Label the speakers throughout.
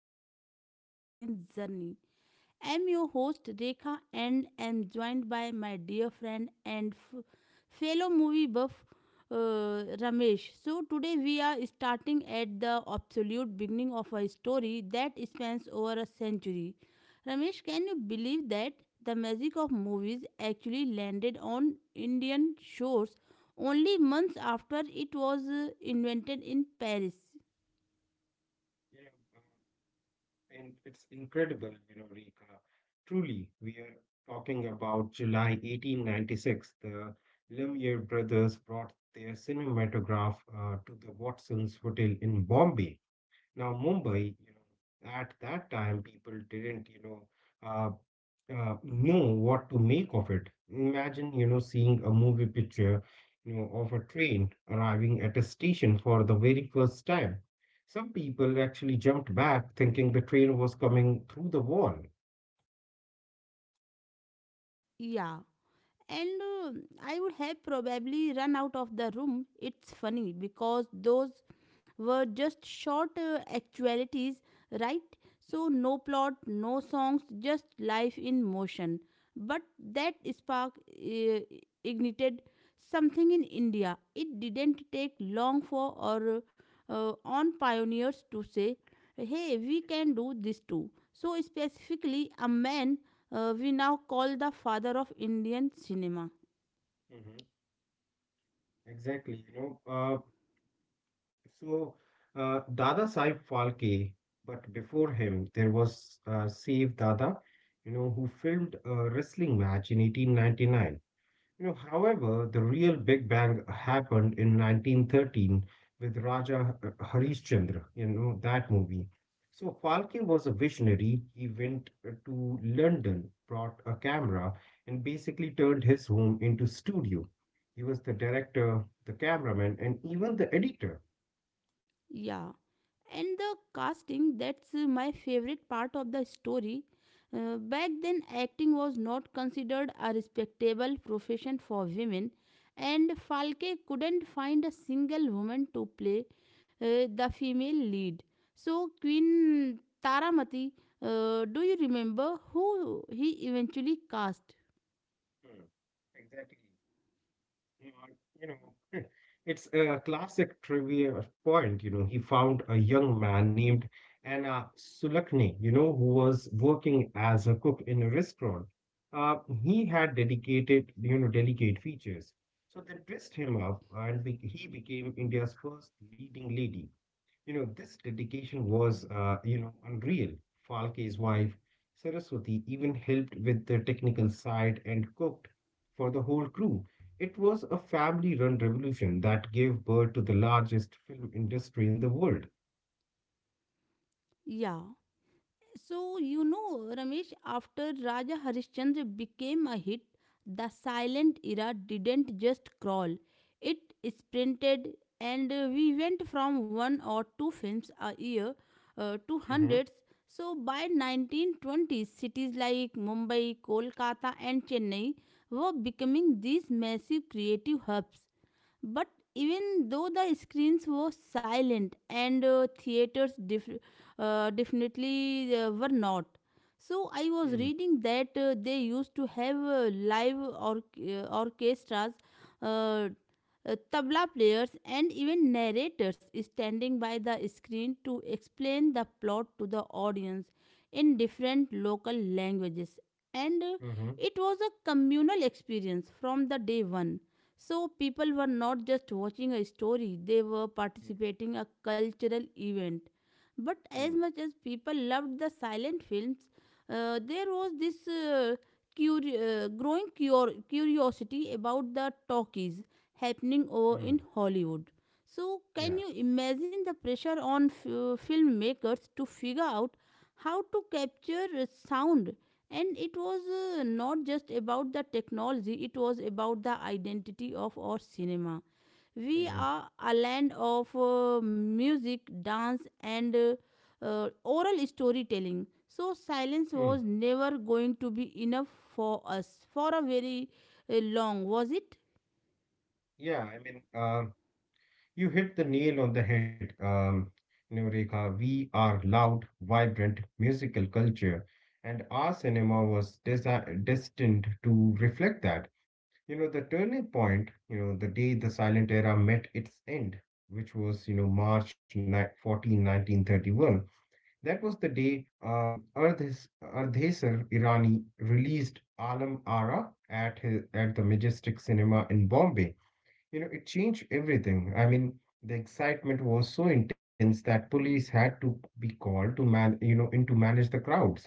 Speaker 1: of Silver Screen Journey. I'm your host Rekha and I am joined by my dear friend and fellow movie buff Ramesh. So today we are starting at the absolute beginning of a story that spans over a century. Ramesh, can you believe that the magic of movies actually landed on Indian shores only months after it was invented in Paris?
Speaker 2: Yeah, uh, and it's incredible, you know, Rika. Truly, we are talking about July 1896. The Lumiere brothers brought their cinematograph to the Watson's Hotel in Bombay. Now, Mumbai, you know, at that time, people didn't, you uh, know what to make of it. Imagine, you know, seeing a movie picture, you know, of a train arriving at a station for the very first time. Some people actually jumped back thinking the train was coming through the wall.
Speaker 1: Yeah. And I would have probably run out of the room. It's funny because those were just short actualities, right? So, no plot, no songs, just life in motion. But that spark ignited something in India. It didn't take long for or on pioneers to say, hey, we can do this too. So, specifically, a man we now call the father of Indian cinema.
Speaker 2: Mhm. Exactly. So, Dada Saib Phalke, but before him, there was Save Dada, you know, who filmed a wrestling match in 1899. You know, however, the real Big Bang happened in 1913 with Raja Harishchandra, you know, that movie. So, Phalke was a visionary. He went to London, brought a camera, and basically turned his home into studio. He was the director, the cameraman, and even the editor.
Speaker 1: Yeah. And the casting, that's my favorite part of the story. Back then, acting was not considered a respectable profession for women, and Falke couldn't find a single woman to play the female lead. So, Queen Taramati, do you remember who he eventually cast?
Speaker 2: Hmm. Exactly. Yeah, you know, it's a classic trivia point. You know, he found a young man named Anna Sulakni, you know, who was working as a cook in a restaurant. Uh, he had dedicated, you know, delicate features. So they dressed him up and be he became India's first leading lady. You know, this dedication was, you know, unreal. Falke's wife, Saraswati, even helped with the technical side and cooked for the whole crew. It was a family-run revolution that gave birth to the largest film industry in the world.
Speaker 1: Yeah. So, you know, Ramesh, after Raja Harishchandra became a hit, the silent era didn't just crawl, it sprinted, and we went from one or two films a year to
Speaker 2: Mm-hmm.
Speaker 1: hundreds. So, by 1920s, cities like Mumbai, Kolkata, and Chennai were becoming these massive creative hubs. But even though the screens were silent and theaters definitely were not. So I was
Speaker 2: Mm.
Speaker 1: reading that they used to have live orchestras, uh, tabla players, and even narrators standing by the screen to explain the plot to the audience in different local languages. And
Speaker 2: hmm mm hmm
Speaker 1: it was a communal experience from the day one, so people were not just watching a story, they were participating a cultural event. But
Speaker 2: Mm,
Speaker 1: as
Speaker 2: mm.
Speaker 1: much as people loved the silent films, there was this curi- growing curiosity about the talkies happening over in
Speaker 2: Mm.
Speaker 1: Hollywood. So can
Speaker 2: Yeah.
Speaker 1: you imagine the pressure on filmmakers to figure out how to capture sound? And it was not just about the technology. It was about the identity of our cinema. We
Speaker 2: Mm,
Speaker 1: are a land of music, dance and oral storytelling, so silence
Speaker 2: mm.
Speaker 1: was never going to be enough for us for a very long was it.
Speaker 2: Yeah, I mean, um, You hit the nail on the head, you know, Rekha. We are loud, vibrant, musical culture, and our cinema was desi destined to reflect that. You know, the turning point, you know, the day the silent era met its end, which was, you know, March 14, 1931. That was the day Ardhesar Irani released Alam Ara at at the Majestic Cinema in Bombay. You know, it changed everything. I mean, the excitement was so intense that police had to be called to man, you know, in to manage the crowds.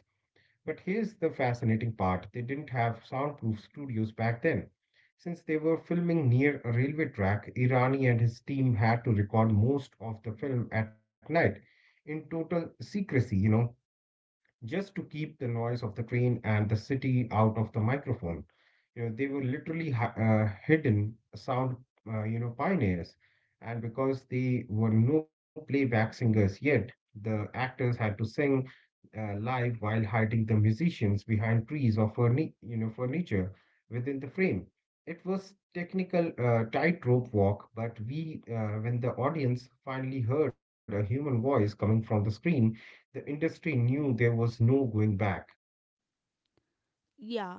Speaker 2: But here's the fascinating part. They didn't have soundproof studios back then. Since they were filming near a railway track, Irani and his team had to record most of the film at night in total secrecy, you know, just to keep the noise of the train and the city out of the microphone. You know, they were literally hidden sound, you know, pioneers. And because they were no playback singers yet, the actors had to sing live while hiding the musicians behind trees or furniture within the frame. It was technical tightrope walk, when the audience finally heard a human voice coming from the screen, the industry knew there was no going back.
Speaker 1: Yeah,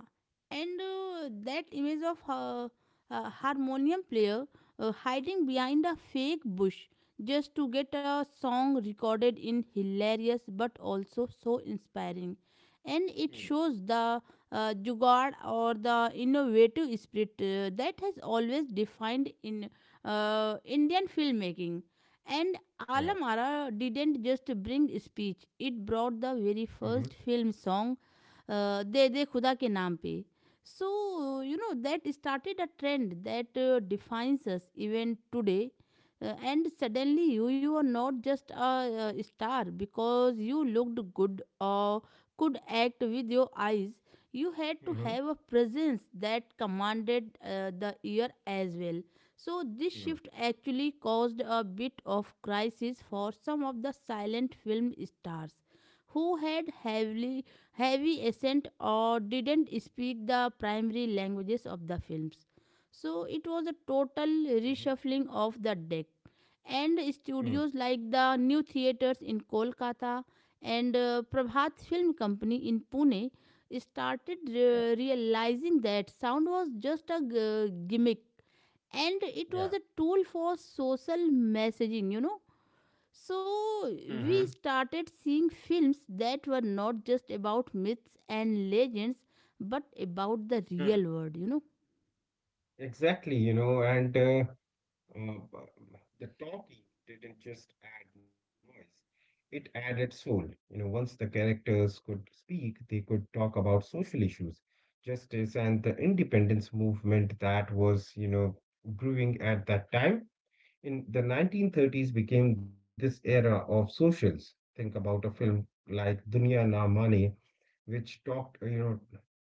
Speaker 1: and that image of her harmonium player hiding behind a fake bush just to get a song recorded in hilarious but also so inspiring. And it
Speaker 2: Mm.
Speaker 1: shows the jugaad or the innovative spirit that has always defined in Indian filmmaking. And
Speaker 2: Yeah.
Speaker 1: Alamara didn't just bring speech, it brought the
Speaker 2: Mm-hmm.
Speaker 1: very first film song दे दे खुदा के नाम पे, so you know that started a trend that defines us even today. And suddenly you are not just a star because you looked good or could act with your eyes. You had to
Speaker 2: Mm-hmm.
Speaker 1: have a presence that commanded the ear as well. So this
Speaker 2: Mm.
Speaker 1: shift actually caused a bit of crisis for some of the silent film stars who had heavily heavy accent or didn't speak the primary languages of the films. So it was a total
Speaker 2: Mm-hmm.
Speaker 1: reshuffling of the deck. And
Speaker 2: Mm.
Speaker 1: studios like the New Theatres in Kolkata and Prabhat Film Company in Pune started
Speaker 2: Yeah.
Speaker 1: realizing that sound was just a gimmick, and it
Speaker 2: Yeah.
Speaker 1: was a tool for social messaging, you know. So
Speaker 2: Mm-hmm.
Speaker 1: we started seeing films that were not just about myths and legends, but about the
Speaker 2: Mm.
Speaker 1: real world, you know?
Speaker 2: Exactly, you know, and uh, the talking didn't just add noise, it added soul. You know, once the characters could speak, they could talk about social issues, justice, and the independence movement that was, you know, brewing at that time. In the 1930s became this era of socials. Think about a film like Dunya Na Mane, which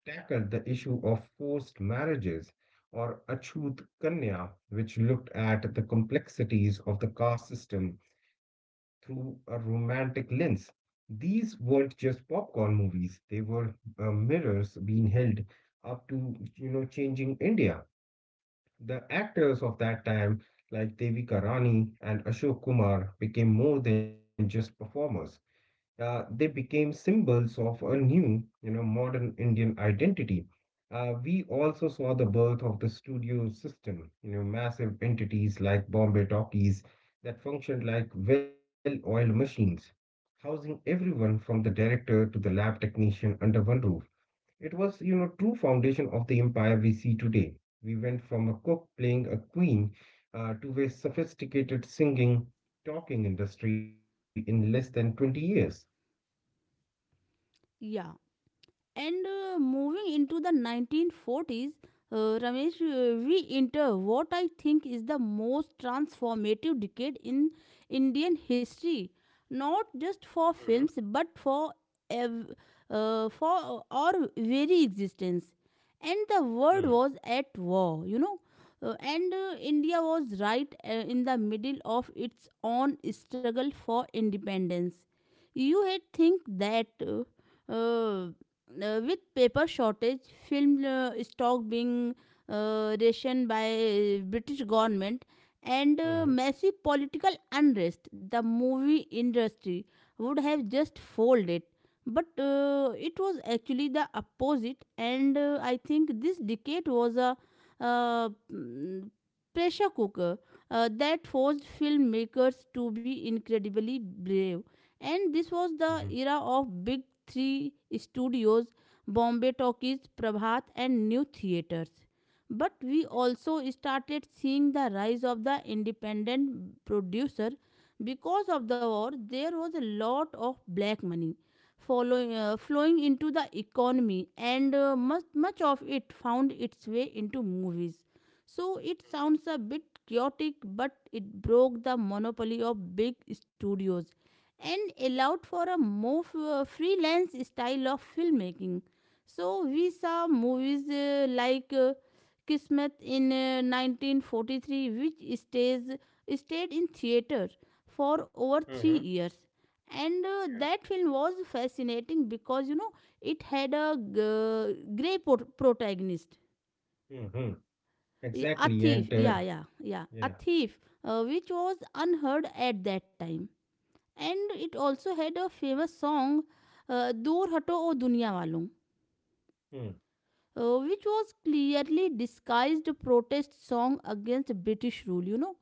Speaker 2: tackled the issue of forced marriages, or Achut Kanya, which looked at the complexities of the caste system through a romantic lens. These weren't just popcorn movies; they were mirrors being held up to, you know, changing India. The actors of that time, like Devika Rani and Ashok Kumar, became more than just performers. They became symbols of a new, you know, modern Indian identity. We also saw the birth of the studio system, you know, massive entities like Bombay Talkies that functioned like well-oiled machines, housing everyone from the director to the lab technician under one roof. It was, you know, true foundation of the empire we see today. We went from a cook playing a queen to a sophisticated singing, talking industry in less than 20 years.
Speaker 1: Yeah. And moving into the 1940s, Ramesh, we enter what I think is the most transformative decade in Indian history, not just
Speaker 2: Mhm,
Speaker 1: for films but for ev- for our very existence. And the
Speaker 2: mhm,
Speaker 1: world was at war, and India was right in the middle of its own struggle for independence. You had think that. Uh, with paper shortage, film stock being rationed by British government and
Speaker 2: mhm,
Speaker 1: massive political unrest, the movie industry would have just folded. But it was actually the opposite, and I think this decade was a uh, mm, pressure cooker that forced filmmakers to be incredibly brave. And this was
Speaker 2: mhm,
Speaker 1: the era of big three studios: Bombay Talkies, Prabhat, and New Theatres. But we also started seeing the rise of the independent producer. Because of the war, there was a lot of black money flowing into the economy, and much, much of it found its way into movies. So it sounds a bit chaotic, but it broke the monopoly of big studios and allowed for a more freelance style of filmmaking. So we saw movies like Kismet in 1943, which stayed in theater for
Speaker 2: mhm,
Speaker 1: over
Speaker 2: mhm,
Speaker 1: 3 years. And that film was fascinating because you know it had a grey protagonist.
Speaker 2: yeah. Mhm.
Speaker 1: Yeah, a
Speaker 2: Exactly,
Speaker 1: thief.
Speaker 2: and
Speaker 1: Yeah, yeah, yeah, a
Speaker 2: yeah.
Speaker 1: thief, which was unheard at that time. And it also had a famous song, Dur Hato O Duniya Walon,
Speaker 2: Mm.
Speaker 1: which was clearly disguised protest song against British rule, you know.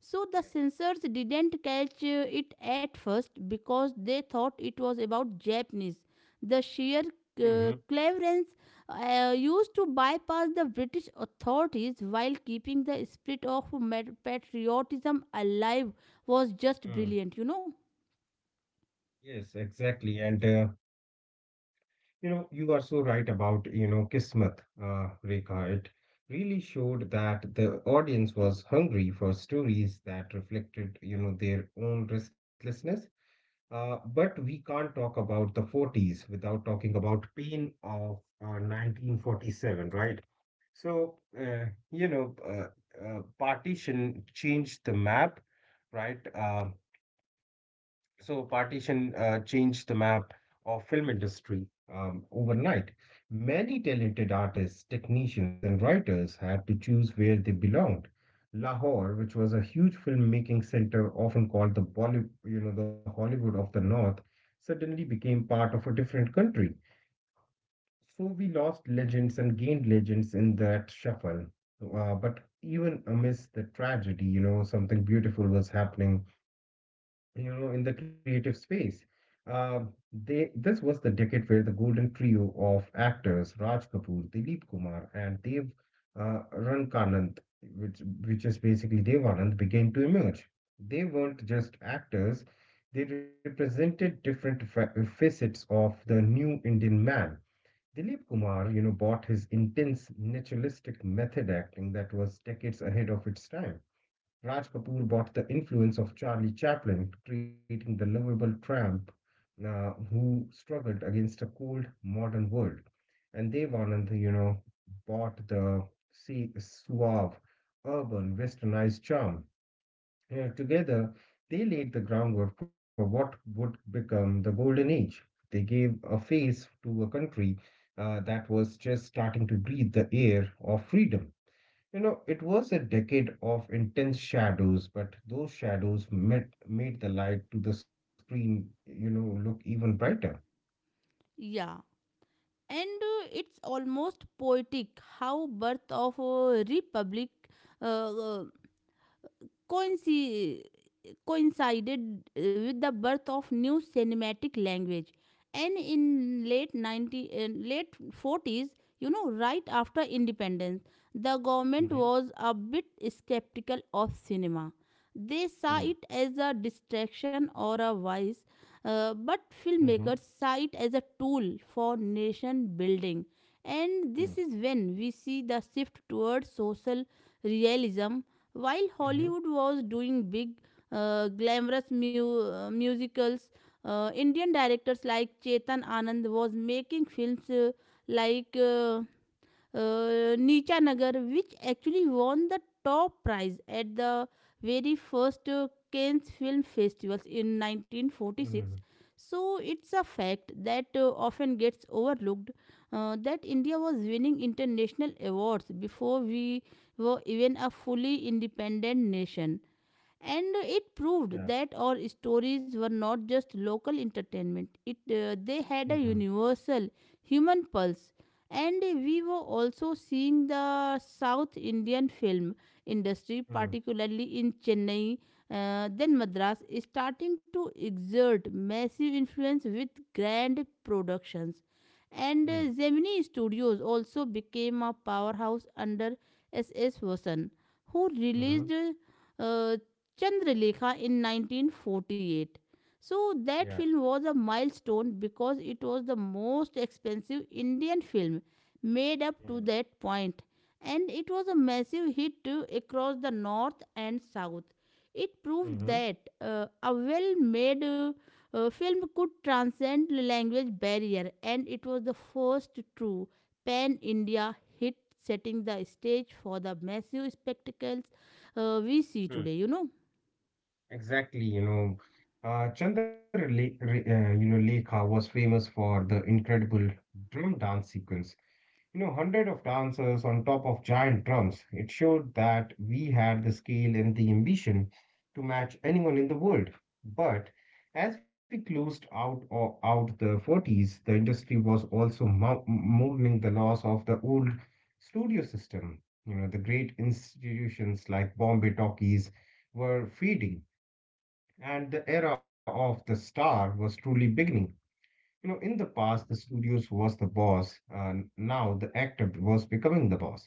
Speaker 1: So the
Speaker 2: Yeah.
Speaker 1: censors didn't catch it at first because they thought it was about Japanese. The sheer
Speaker 2: Mhm.
Speaker 1: cleverance used to bypass the British authorities while keeping the spirit of patriotism alive was just
Speaker 2: Mm.
Speaker 1: brilliant, you know.
Speaker 2: Yes, exactly, and you know, you are so right about, you know, Kismet, Rekha. It really showed that the audience was hungry for stories that reflected, you know, their own restlessness. But we can't talk about the 40s without talking about pain of 1947, right? Partition changed the map, right? Partition changed the map of film industry overnight. Many talented artists, technicians, and writers had to choose where they belonged. Lahore, which was a huge filmmaking center, often called the Bollywood, you know, the Hollywood of the North, suddenly became part of a different country. So we lost legends and gained legends in that shuffle. But even amidst the tragedy, you know, something beautiful was happening you know, in the creative space. They This was the decade where the golden trio of actors Raj Kapoor, Dilip Kumar, and Dev Rankanant, which is basically Devanand, began to emerge. They weren't just actors; they represented different facets of the new Indian man. Dilip Kumar, you know, brought his intense naturalistic method acting that was decades ahead of its time. Raj Kapoor bought the influence of Charlie Chaplin, creating the lovable tramp who struggled against a cold modern world. And Devanand, you know, bought the see suave, urban, westernized charm. You know, together, they laid the groundwork for what would become the golden age. They gave a face to a country that was just starting to breathe the air of freedom. You know, it was a decade of intense shadows, but those shadows made the light to the screen, you know, look even brighter.
Speaker 1: Yeah, and it's almost poetic how birth of a republic uh, uh, coinci- coincided with the birth of new cinematic language. And in late 40s, you know, right after independence, the government
Speaker 2: Mhm,
Speaker 1: was a bit skeptical of cinema. They saw
Speaker 2: mm,
Speaker 1: it as a distraction or a vice, but
Speaker 2: mhm,
Speaker 1: filmmakers saw it as a tool for nation building. And
Speaker 2: mm,
Speaker 1: this is when we see the shift towards social realism. While
Speaker 2: mhm,
Speaker 1: Hollywood was doing big, glamorous musicals, Indian directors like Chetan Anand was making films like Neecha Nagar, which actually won the top prize at the very first Cannes Film Festivals in
Speaker 2: mhm,
Speaker 1: 1946. So it's a fact that often gets overlooked that India was winning international awards before we were even a fully independent nation. And it proved
Speaker 2: Yeah.
Speaker 1: that our stories were not just local entertainment, it they had a
Speaker 2: mhm,
Speaker 1: universal human pulse. And we were also seeing the south Indian film industry
Speaker 2: mm,
Speaker 1: particularly in Chennai, then Madras, starting to exert massive influence with grand productions.
Speaker 2: mm,
Speaker 1: And Gemini Studios also became a powerhouse under S. S. Vasan, who
Speaker 2: mhm,
Speaker 1: released uh, Chandralekha in 1948. So
Speaker 2: Yeah.
Speaker 1: that film was a milestone because it was the most expensive Indian film made up
Speaker 2: Mm.
Speaker 1: to that point, and it was a massive hit too across the north and south. It proved
Speaker 2: Mhm.
Speaker 1: that a well-made film could transcend language barrier, and it was the first true pan-India hit, setting the stage for the massive spectacles we see
Speaker 2: Mm.
Speaker 1: today, you know.
Speaker 2: Exactly, you know, you know, Lekha was famous for the incredible drum dance sequence. You know, hundred of dancers on top of giant drums. It showed that we had the scale and the ambition to match anyone in the world. But as we closed out or out the 40s, the industry was also mourning the loss of the old studio system. You know, the great institutions like Bombay Talkies were fading, and the era of the star was truly beginning. You know, in the past, the studios was the boss. Now the actor was becoming the boss,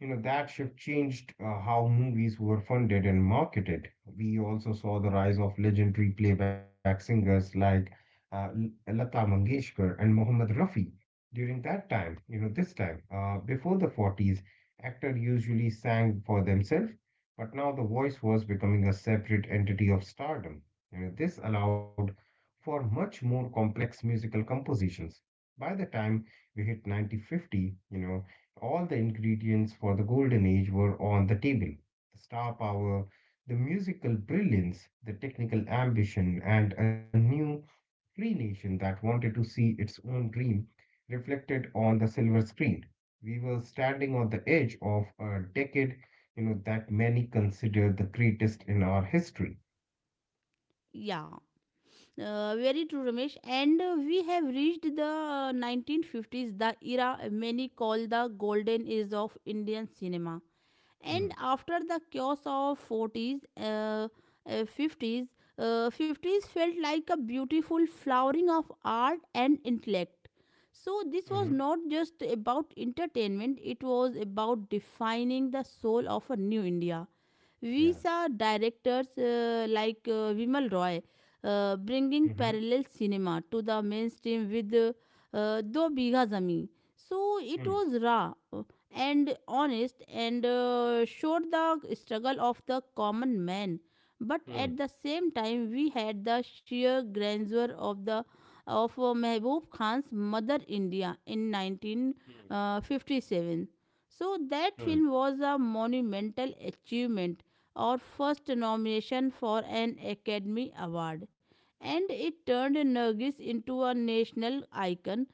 Speaker 2: you know, that shift changed how movies were funded and marketed. We also saw the rise of legendary playback singers like uh, Lata Mangeshkar and Mohammed Rafi during that time. You know, this time before the 40s, actors usually sang for themselves, but now the voice was becoming a separate entity of stardom. You know, this allowed for much more complex musical compositions. By the time we hit 1950, you know, all the ingredients for the golden age were on the table. The star power, the musical brilliance, the technical ambition, and a new free nation that wanted to see its own dream reflected on the silver screen. We were standing on the edge of a decade, you know, that many consider the greatest in our history.
Speaker 1: Yeah, very true, Ramesh. And we have reached the 1950s, the era many call the golden age of Indian cinema. And
Speaker 2: Mm,
Speaker 1: after the chaos of 40s, uh, 50s, 50s felt like a beautiful flowering of art and intellect. So this
Speaker 2: mhm,
Speaker 1: was not just about entertainment; it was about defining the soul of a new India. We
Speaker 2: Yeah.
Speaker 1: saw directors like Vimal Roy
Speaker 2: Mm-hmm.
Speaker 1: bringing parallel cinema to the mainstream with Do Bigha Zami. So it
Speaker 2: Mm,
Speaker 1: was raw and honest and showed the struggle of the common man. But
Speaker 2: mm,
Speaker 1: at the same time, we had the sheer grandeur of the of Mehboob Khan's Mother India in
Speaker 2: mm,
Speaker 1: 1957. So that
Speaker 2: mm,
Speaker 1: film was a monumental achievement or first nomination for an Academy Award, and it turned Nargis into a national icon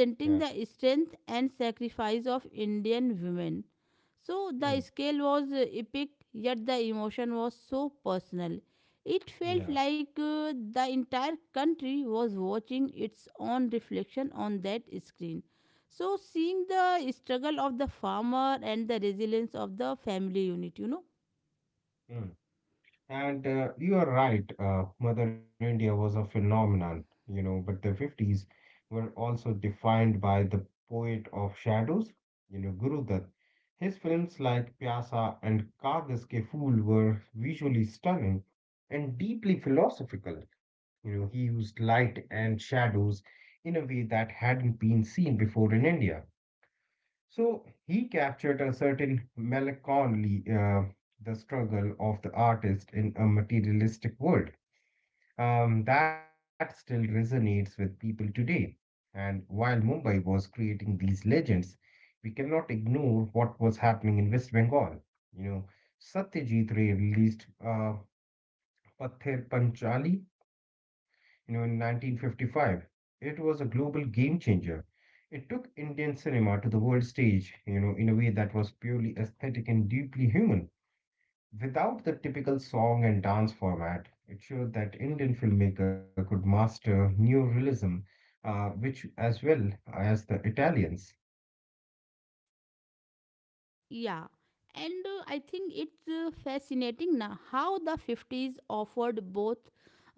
Speaker 2: yeah.
Speaker 1: the strength and sacrifice of Indian women. So the
Speaker 2: Mm,
Speaker 1: scale was epic, yet the emotion was so personal. It felt
Speaker 2: yeah.
Speaker 1: like the entire country was watching its own reflection on that screen. So, seeing the struggle of the farmer and the resilience of the family unit, you know.
Speaker 2: Mm. And you are right, Mother India was a phenomenon, you know, but the 50s were also defined by the poet of shadows, you know, Guru Dutt. His films like Pyasa and Kagas Ke Phool were visually stunning and deeply philosophical. You know, he used light and shadows in a way that hadn't been seen before in India. So he captured a certain melancholy, the struggle of the artist in a materialistic world, that still resonates with people today. And while Mumbai was creating these legends, we cannot ignore what was happening in West Bengal. You know, Satyajit Ray released Pather Panchali, you know, in 1955. It was a global game changer. It took Indian cinema to the world stage, you know, in a way that was purely aesthetic and deeply human. Without the typical song and dance format, it showed that Indian filmmaker could master neorealism, which as well as the Italians.
Speaker 1: Yeah, and I think it's fascinating now how the 50s offered both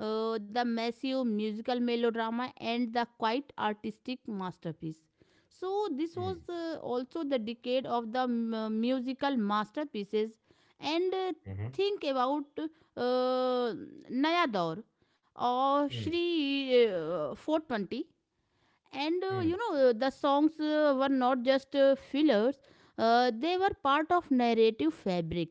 Speaker 1: the massive musical melodrama and the quite artistic masterpiece. So,
Speaker 2: Mm,
Speaker 1: this was also the decade of the musical masterpieces. And
Speaker 2: mhm,
Speaker 1: think about uh, Naya Daur or
Speaker 2: mm,
Speaker 1: Shri 420, and
Speaker 2: mm,
Speaker 1: you know the songs were not just fillers, they were part of narrative fabric.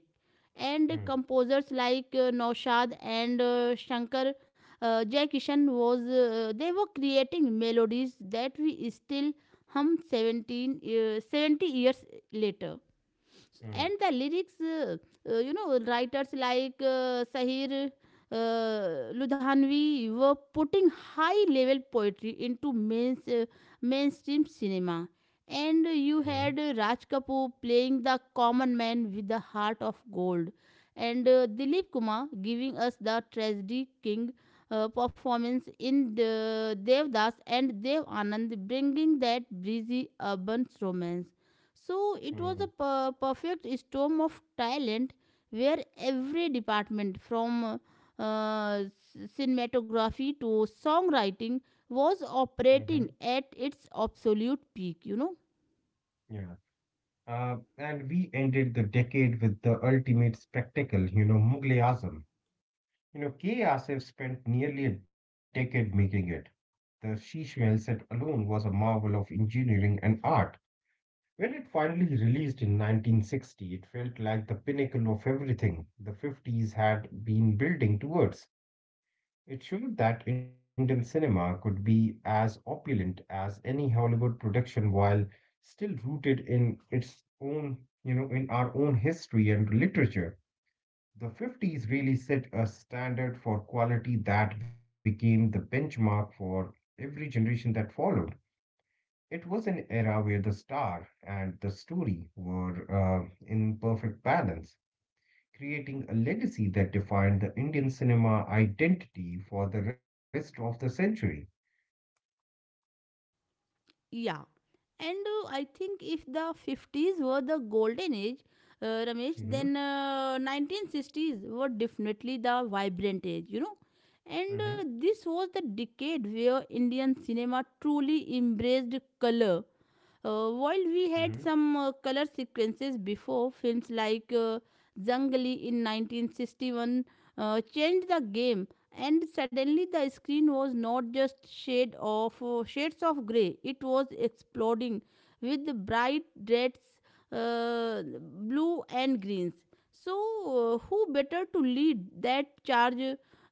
Speaker 1: And
Speaker 2: mm,
Speaker 1: composers like Naushad and Shankar Jaikishan was they were creating melodies that we still hum 17 70 years later.
Speaker 2: mm,
Speaker 1: And the lyrics, you know, writers like Sahir Ludhanvi were putting high level poetry into mainstream cinema. And you had Raj Kapoor playing the common man with the heart of gold, and Dilip Kumar giving us the tragedy king performance in the Devdas and Dev Anand, bringing that breezy urban romance. So
Speaker 2: mm,
Speaker 1: it
Speaker 2: mm,
Speaker 1: was a perfect storm of talent where every department from uh, cinematography to songwriting was
Speaker 2: mhm,
Speaker 1: operating at its absolute peak, you know.
Speaker 2: Yeah. And we ended the decade with the ultimate spectacle, you know, Mughal e Azam. You know, K. E Asif spent nearly a decade making it. The Sheesh Mahal set alone was a marvel of engineering and art. When it finally released in 1960, it felt like the pinnacle of everything the 50s had been building towards. It showed that Indian cinema could be as opulent as any Hollywood production while still rooted in its own, you know, in our own history and literature. The 50s really set a standard for quality that became the benchmark for every generation that followed. It was an era where the star and the story were in perfect balance, creating a legacy that defined the Indian cinema identity for the rest of the century.
Speaker 1: Yeah. And I think if the 50s were the golden age, Ramesh,
Speaker 2: Mhm,
Speaker 1: then 1960s were definitely the vibrant age, you know. And
Speaker 2: mhm,
Speaker 1: this was the decade where Indian cinema truly embraced color. While
Speaker 2: mhm.
Speaker 1: we had some color sequences before, films like Zangli in 1961 changed the game, and suddenly the screen was not just shades of gray; it was exploding with the bright reds, uh, blue, and greens. So, who better to lead that charge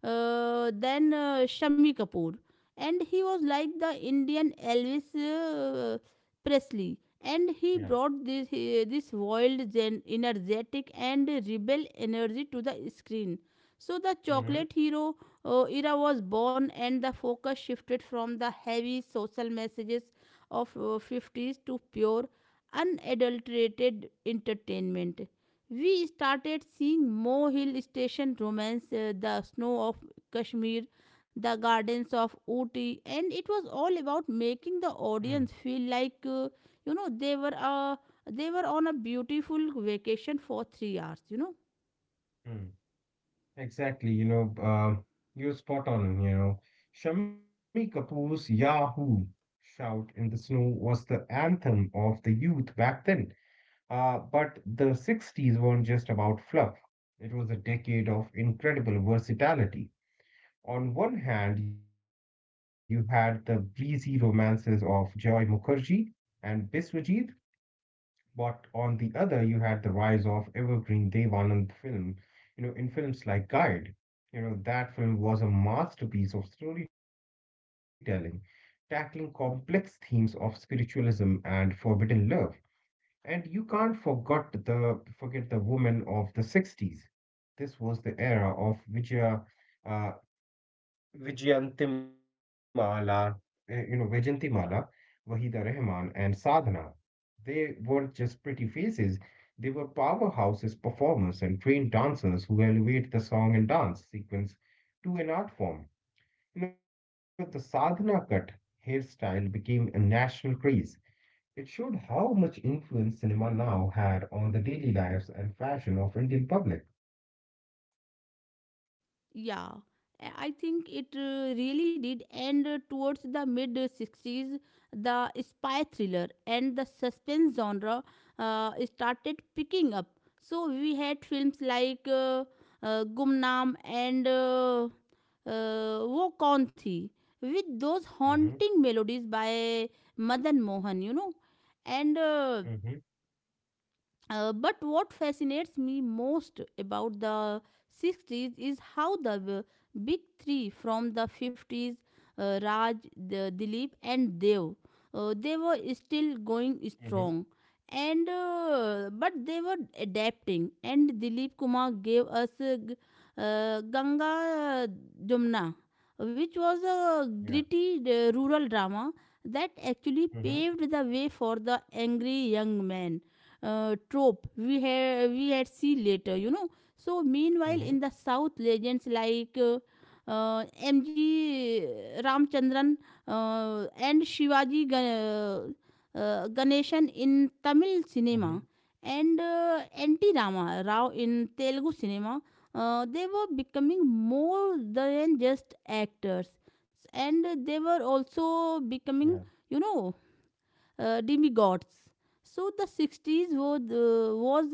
Speaker 1: than Shami Kapoor? And he was like the Indian Elvis. Presley, and he
Speaker 2: Yeah.
Speaker 1: brought this wild, energetic, and rebel energy to the screen. So, the
Speaker 2: Mhm,
Speaker 1: chocolate hero era was born, and the focus shifted from the heavy social messages of 50s to pure, unadulterated entertainment. We started seeing Mo Hill Station romance, the snow of Kashmir, the gardens of Ooty, and it was all about making the
Speaker 2: mm,
Speaker 1: audience feel like you know they were on a beautiful vacation for 3 hours. You know.
Speaker 2: mm. Exactly. You're spot on. You know, Shami Kapoor's Yahoo shout in the snow was the anthem of the youth back then. But the 60s weren't just about fluff. It was a decade of incredible versatility. On one hand, you had the breezy romances of Joy Mukherjee and Biswajit. But on the other, you had the rise of Evergreen Devanand film, you know, in films like Guide. You know, that film was a masterpiece of storytelling, tackling complex themes of spiritualism and forbidden love. And you can't forget the woman of the 60s. This was the era of uh, Vijayantimala, Vijayantimala, Wahida Rahman, and Sadhana. They weren't just pretty faces, they were powerhouses, performers, and trained dancers who elevate the song and dance sequence to an art form. You know, the Sadhana cut hairstyle became a national craze. It showed how much influence cinema now had on the daily lives and fashion of Indian public.
Speaker 1: Yeah, I think it really did. And towards the mid 60s, the spy thriller and the suspense genre started picking up. So we had films like Gumnaam and Wo Kaun Thi with those
Speaker 2: Mm-hmm,
Speaker 1: haunting melodies by Madan Mohan, you know. And
Speaker 2: mm-hmm,
Speaker 1: But what fascinates me most about the 60s is how the big three from the 50s, Raj, the, Dilip, and Dev, they were still going
Speaker 2: mm-hmm,
Speaker 1: strong. And but they were adapting, and Dilip Kumar gave us Ganga Jumna, which was
Speaker 2: yeah.
Speaker 1: a gritty rural drama that actually
Speaker 2: Mm-hmm,
Speaker 1: paved the way for the angry young man trope we had see later, you know. So meanwhile
Speaker 2: mm-hmm,
Speaker 1: in the south, legends like uh, MG Ramchandran and Shivaji Ganeshan in Tamil cinema,
Speaker 2: mm-hmm,
Speaker 1: and Anti Rama Rao in Telugu cinema, they were becoming more than just actors, and they were also
Speaker 2: yeah.
Speaker 1: becoming, you know, demigods. So the 60s was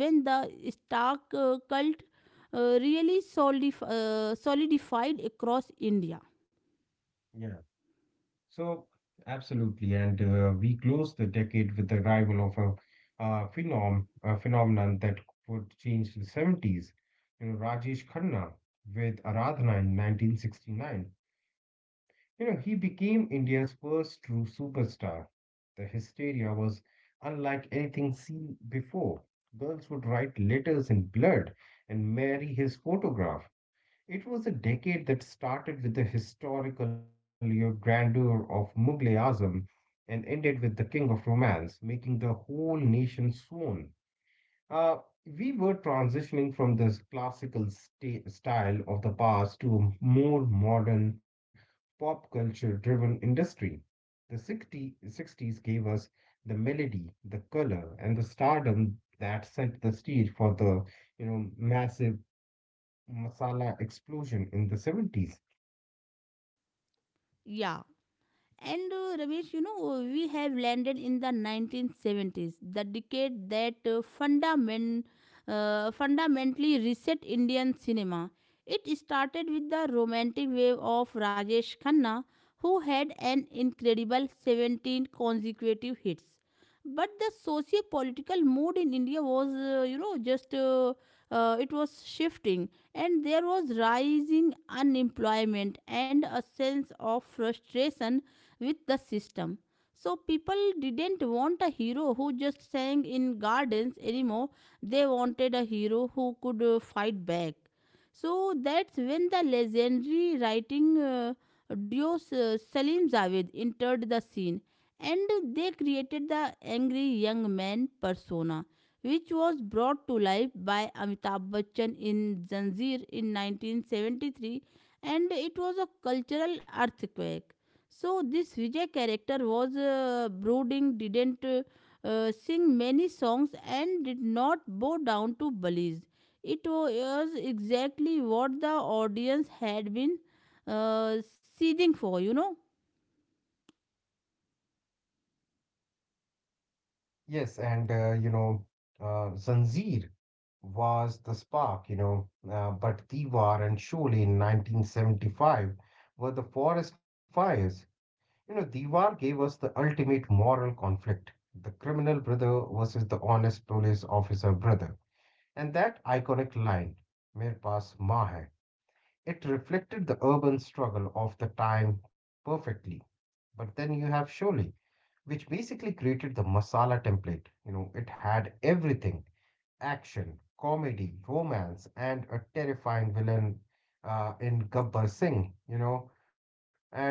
Speaker 1: when the Stark cult really solidified across India.
Speaker 2: Yeah, so absolutely, and we closed the decade with the arrival of a phenomenon that would change the 70s. You know, Rajesh Khanna with Aradhana in 1969. You know, he became India's first true superstar. The hysteria was unlike anything seen before. Girls would write letters in blood and marry his photograph. It was a decade that started with the historical grandeur of Mughal Azam and ended with the King of Romance, making the whole nation swoon. Uh, we were transitioning from this classical style of the past to a more modern, pop culture driven industry. The 60s gave us the melody, the color, and the stardom that set the stage for the you know massive masala explosion in the 70s.
Speaker 1: Yeah. And Ramesh, you know, we have landed in the 1970s, the decade that fundamentally reset Indian cinema. It started with the romantic wave of Rajesh Khanna, who had an incredible 17 consecutive hits. But the socio-political mood in India was, you know, just it was shifting, and there was rising unemployment and a sense of frustration with the system. So people didn't want a hero who just sang in gardens anymore. They wanted a hero who could fight back. So that's when the legendary writing duo Salim Javed entered the scene, and they created the angry young man persona, which was brought to life by Amitabh Bachchan in Zanjeer in 1973, and it was a cultural earthquake. So this Vijay character was brooding, didn't sing many songs, and did not bow down to bullies. It was exactly what the audience had been uh, seething for, you know.
Speaker 2: Yes, and you know, Zanjeer was the spark, you know, but Diwar and Sholay in 1975 were the forest fires. You know, Diwar gave us the ultimate moral conflict, the criminal brother versus the honest police officer brother. And that iconic line, Mere Paas Maa Hai, it reflected the urban struggle of the time perfectly. But then you have Sholay, which basically created the masala template. You know, it had everything: action, comedy, romance, and a terrifying villain in Gabbar Singh, you know, and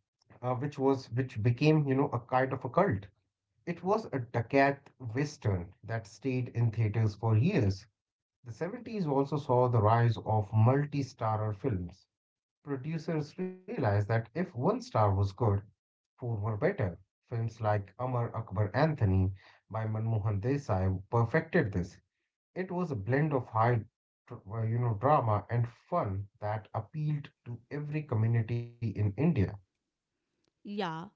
Speaker 2: which was which became, you know, a kind of a cult. It was a Dakat Western that stayed in theaters for years. The 70s also saw the rise of multi starrer films. Producers realized that if one star was good, 4 were better. Films like Amar Akbar Anthony by Manmohan Desai perfected this. It was a blend of you know, drama and fun that appealed to every community in India.
Speaker 1: Yeah,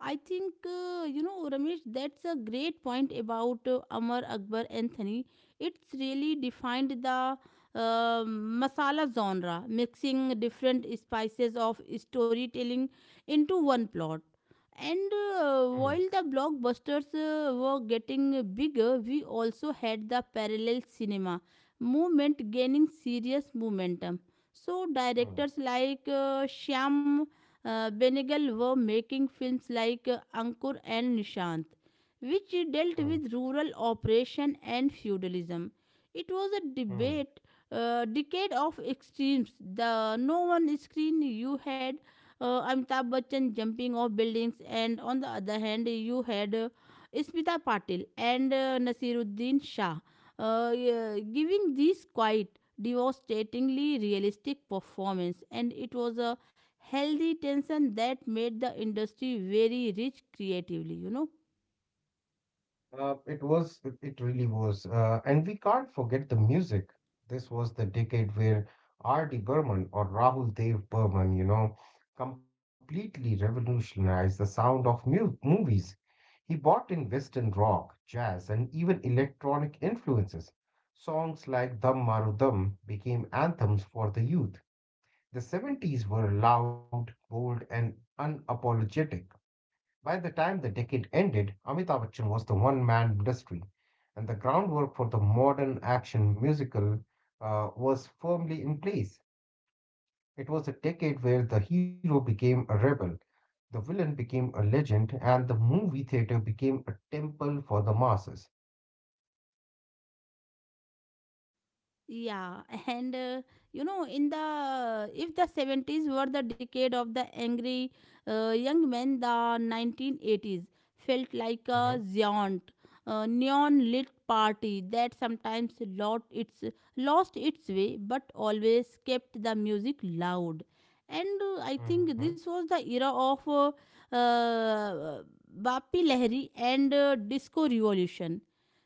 Speaker 1: I think, you know, Ramesh, that's a great point about Amar Akbar Anthony. It's really defined the masala genre, mixing different spices of storytelling into one plot. And
Speaker 2: Hmm,
Speaker 1: while the blockbusters were getting bigger, we also had the parallel cinema movement gaining serious momentum. So,
Speaker 2: hmm,
Speaker 1: directors like Shyam Benegal were making films like Ankur and Nishant, which dealt
Speaker 2: hmm,
Speaker 1: with rural oppression and feudalism. It was a
Speaker 2: hmm.
Speaker 1: decade of extremes. The no one screen you had Amitabh Bachchan jumping off buildings, and on the other hand, you had Smita Patil and Nasiruddin Shah, yeah, giving these quite devastatingly realistic performance, and it was a healthy tension that made the industry very rich creatively. You know.
Speaker 2: It really was. And we can't forget the music. This was the decade where R.D. Burman, or Rahul Dev Burman, you know, completely revolutionized the sound of mu movies. He brought in Western rock, jazz, and even electronic influences. Songs like Dum Maru Dum became anthems for the youth. The 70s were loud, bold, and unapologetic. By the time the decade ended, Amitabh Bachchan was the one man industry, and the groundwork for the modern action musical was firmly in place. It was a decade where the hero became a rebel, the villain became a legend, and the movie theater became a temple for the masses.
Speaker 1: Yeah. And you know, in the if the 70s were the decade of the angry young men, the 1980s felt like a
Speaker 2: Hmm,
Speaker 1: giant neon lit party that sometimes lost its way, but always kept the music loud. And I
Speaker 2: hmm,
Speaker 1: think this was the era of uh, Bapi Lahiri and disco revolution.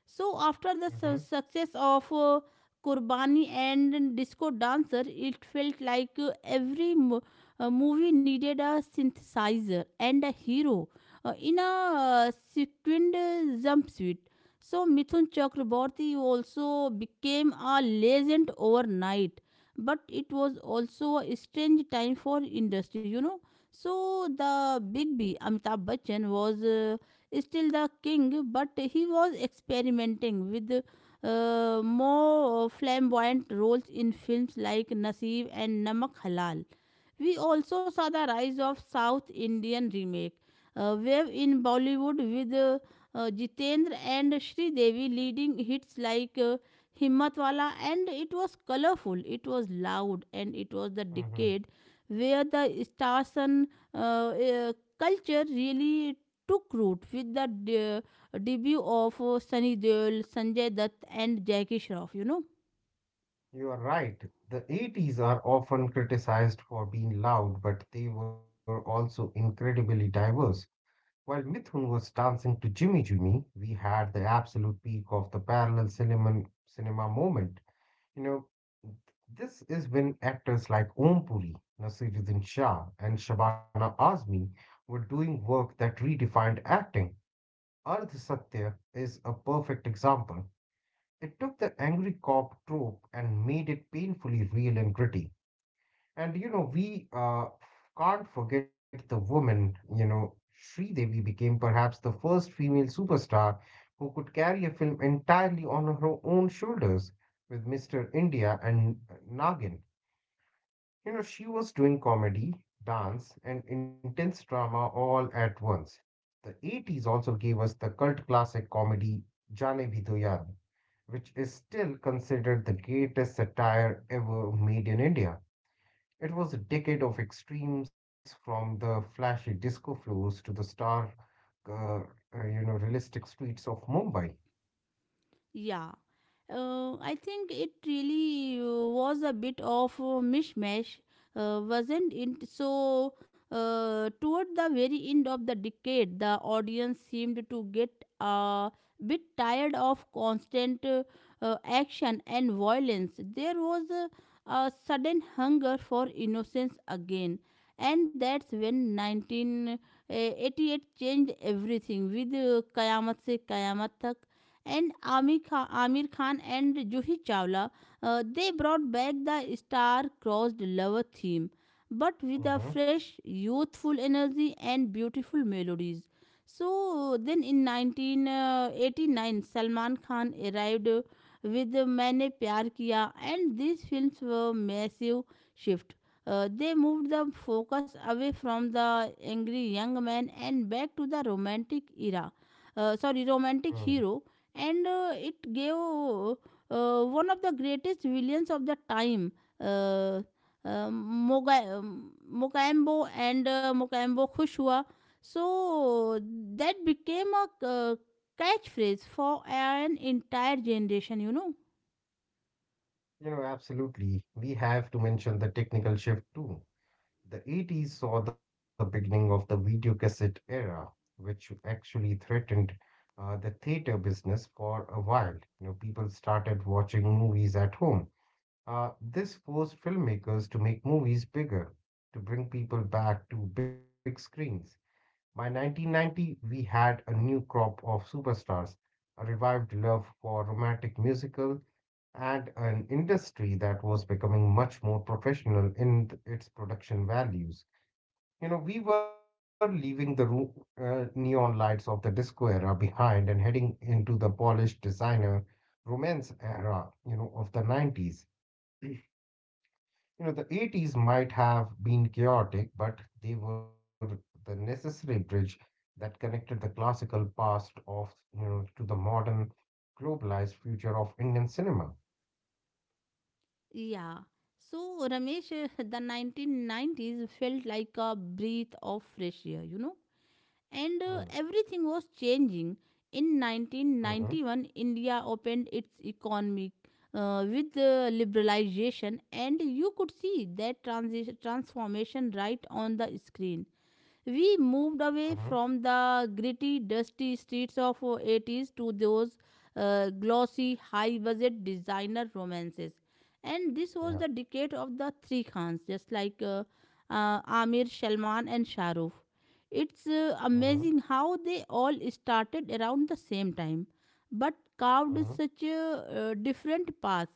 Speaker 1: So after the
Speaker 2: hmm,
Speaker 1: success of Kurbani and disco dancer, it felt like every movie needed a synthesizer and a hero in a sequined jumpsuit. So Mithun Chakraborty also became a legend overnight, but it was also a strange time for industry, you know. So the Big B Amitabh Bachchan was still the king, but he was experimenting with more flamboyant roles in films like Naseeb and Namak Halal. We also saw the rise of South Indian remake wave in Bollywood with Jitendra and Sri Devi leading hits like Himmatwala, and it was colorful, it was loud, and it was the
Speaker 2: hmm.
Speaker 1: decade where the stars and uh, uh, culture really took root with the debut of Sunny Deol, Sanjay Dutt, and Jackie Shroff, you know.
Speaker 2: You are right. The 80s are often criticized for being loud, but they were also incredibly diverse. While Mithun was dancing to Jimmy Jimmy, we had the absolute peak of the parallel cinema moment. You know, this is when actors like Om Puri, Nasiruddin Shah, and Shabana Azmi were doing work that redefined acting. Ardh Satya is a perfect example. It took the angry cop trope and made it painfully real and gritty. And you know, we can't forget the woman, you know, Sridevi became perhaps the first female superstar who could carry a film entirely on her own shoulders with Mr. India and Nagin. You know, she was doing comedy, dance, and intense drama all at once. The 80s also gave us the cult classic comedy Jaane Bhi Do Yaar, which is still considered the greatest satire ever made in India. It was a decade of extremes, from the flashy disco floors to the stark, uh, uh, you know, realistic streets of Mumbai.
Speaker 1: Yeah, I think it really was a bit of a mishmash, wasn't it? So, toward the very end of the decade, the audience seemed to get a bit tired of constant action and violence. There was a sudden hunger for innocence again. And that's when 1988 changed everything with Kayamat se Kayamat Tak and Amir Khan and Juhi Chawla. They brought back the star-crossed lover theme, but with a
Speaker 2: Mhm,
Speaker 1: fresh, youthful energy and beautiful melodies. So then in 1989, Salman Khan arrived with Maine Pyar Kiya, and these films were massive shift. They moved the focus away from the angry young man and back to the romantic era.
Speaker 2: mm.
Speaker 1: Romantic hero, and it gave one of the greatest villains of the time, uh, Mokambo and Mokambo Khushwa. So that became a catchphrase for an entire generation, you know.
Speaker 2: You know, absolutely. We have to mention the technical shift too. The 80s saw the beginning of the video cassette era, which actually threatened the theater business for a while. You know, people started watching movies at home. This forced filmmakers to make movies bigger, to bring people back to big screens. By 1990, we had a new crop of superstars, a revived love for romantic musical, and an industry that was becoming much more professional in its production values. You know, we were leaving the neon lights of the disco era behind and heading into the polished designer romance era, you know, of the 90s. You know, the 80s might have been chaotic, but they were the necessary bridge that connected the classical past of, you know, to the modern globalized future of Indian cinema.
Speaker 1: Yeah. So Ramesh, the 1990s felt like a breath of fresh air, you know.
Speaker 2: Mm,
Speaker 1: And everything was changing. In
Speaker 2: mm-hmm,
Speaker 1: 1991, India opened its economy with liberalization, and you could see that transformation right on the screen. We
Speaker 2: mm-hmm,
Speaker 1: moved away from the gritty, dusty streets of 80s to those glossy, high budget designer romances. And this
Speaker 2: yeah,
Speaker 1: was the decade of the three Khans, just like Amir, Salman, and Shah Rukh. It's
Speaker 2: mm-hmm,
Speaker 1: amazing how they all started around the same time, but
Speaker 2: mm-hmm,
Speaker 1: carved such a different path.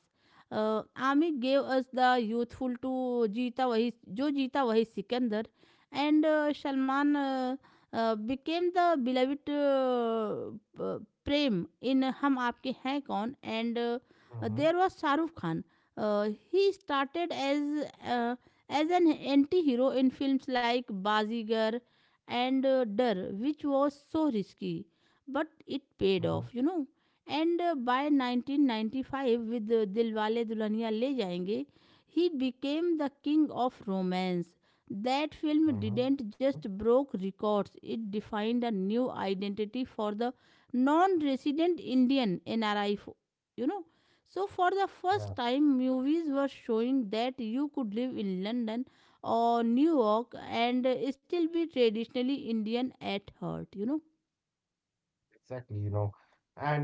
Speaker 1: Amir gave us the youthful Jo Jeeta Wahi Sikandar, and Salman, became the beloved Prem in Hum Aapke Hain Kaun, and
Speaker 2: mm-hmm,
Speaker 1: there was Shahrukh Khan. He started uh, as an anti-hero in films like Bazigar and Dar, which was so risky, but it
Speaker 2: mm-hmm,
Speaker 1: paid off, you know. And by 1995, with Dilwale Dulhania Le Jayenge, he became the king of romance. That film
Speaker 2: mm-hmm,
Speaker 1: didn't just broke records, it defined a new identity for the non-resident Indian, NRI, you know. So for the
Speaker 2: yeah,
Speaker 1: first time movies were showing that you could live in London or New York and still be traditionally Indian at heart, you know.
Speaker 2: exactly, you know. And,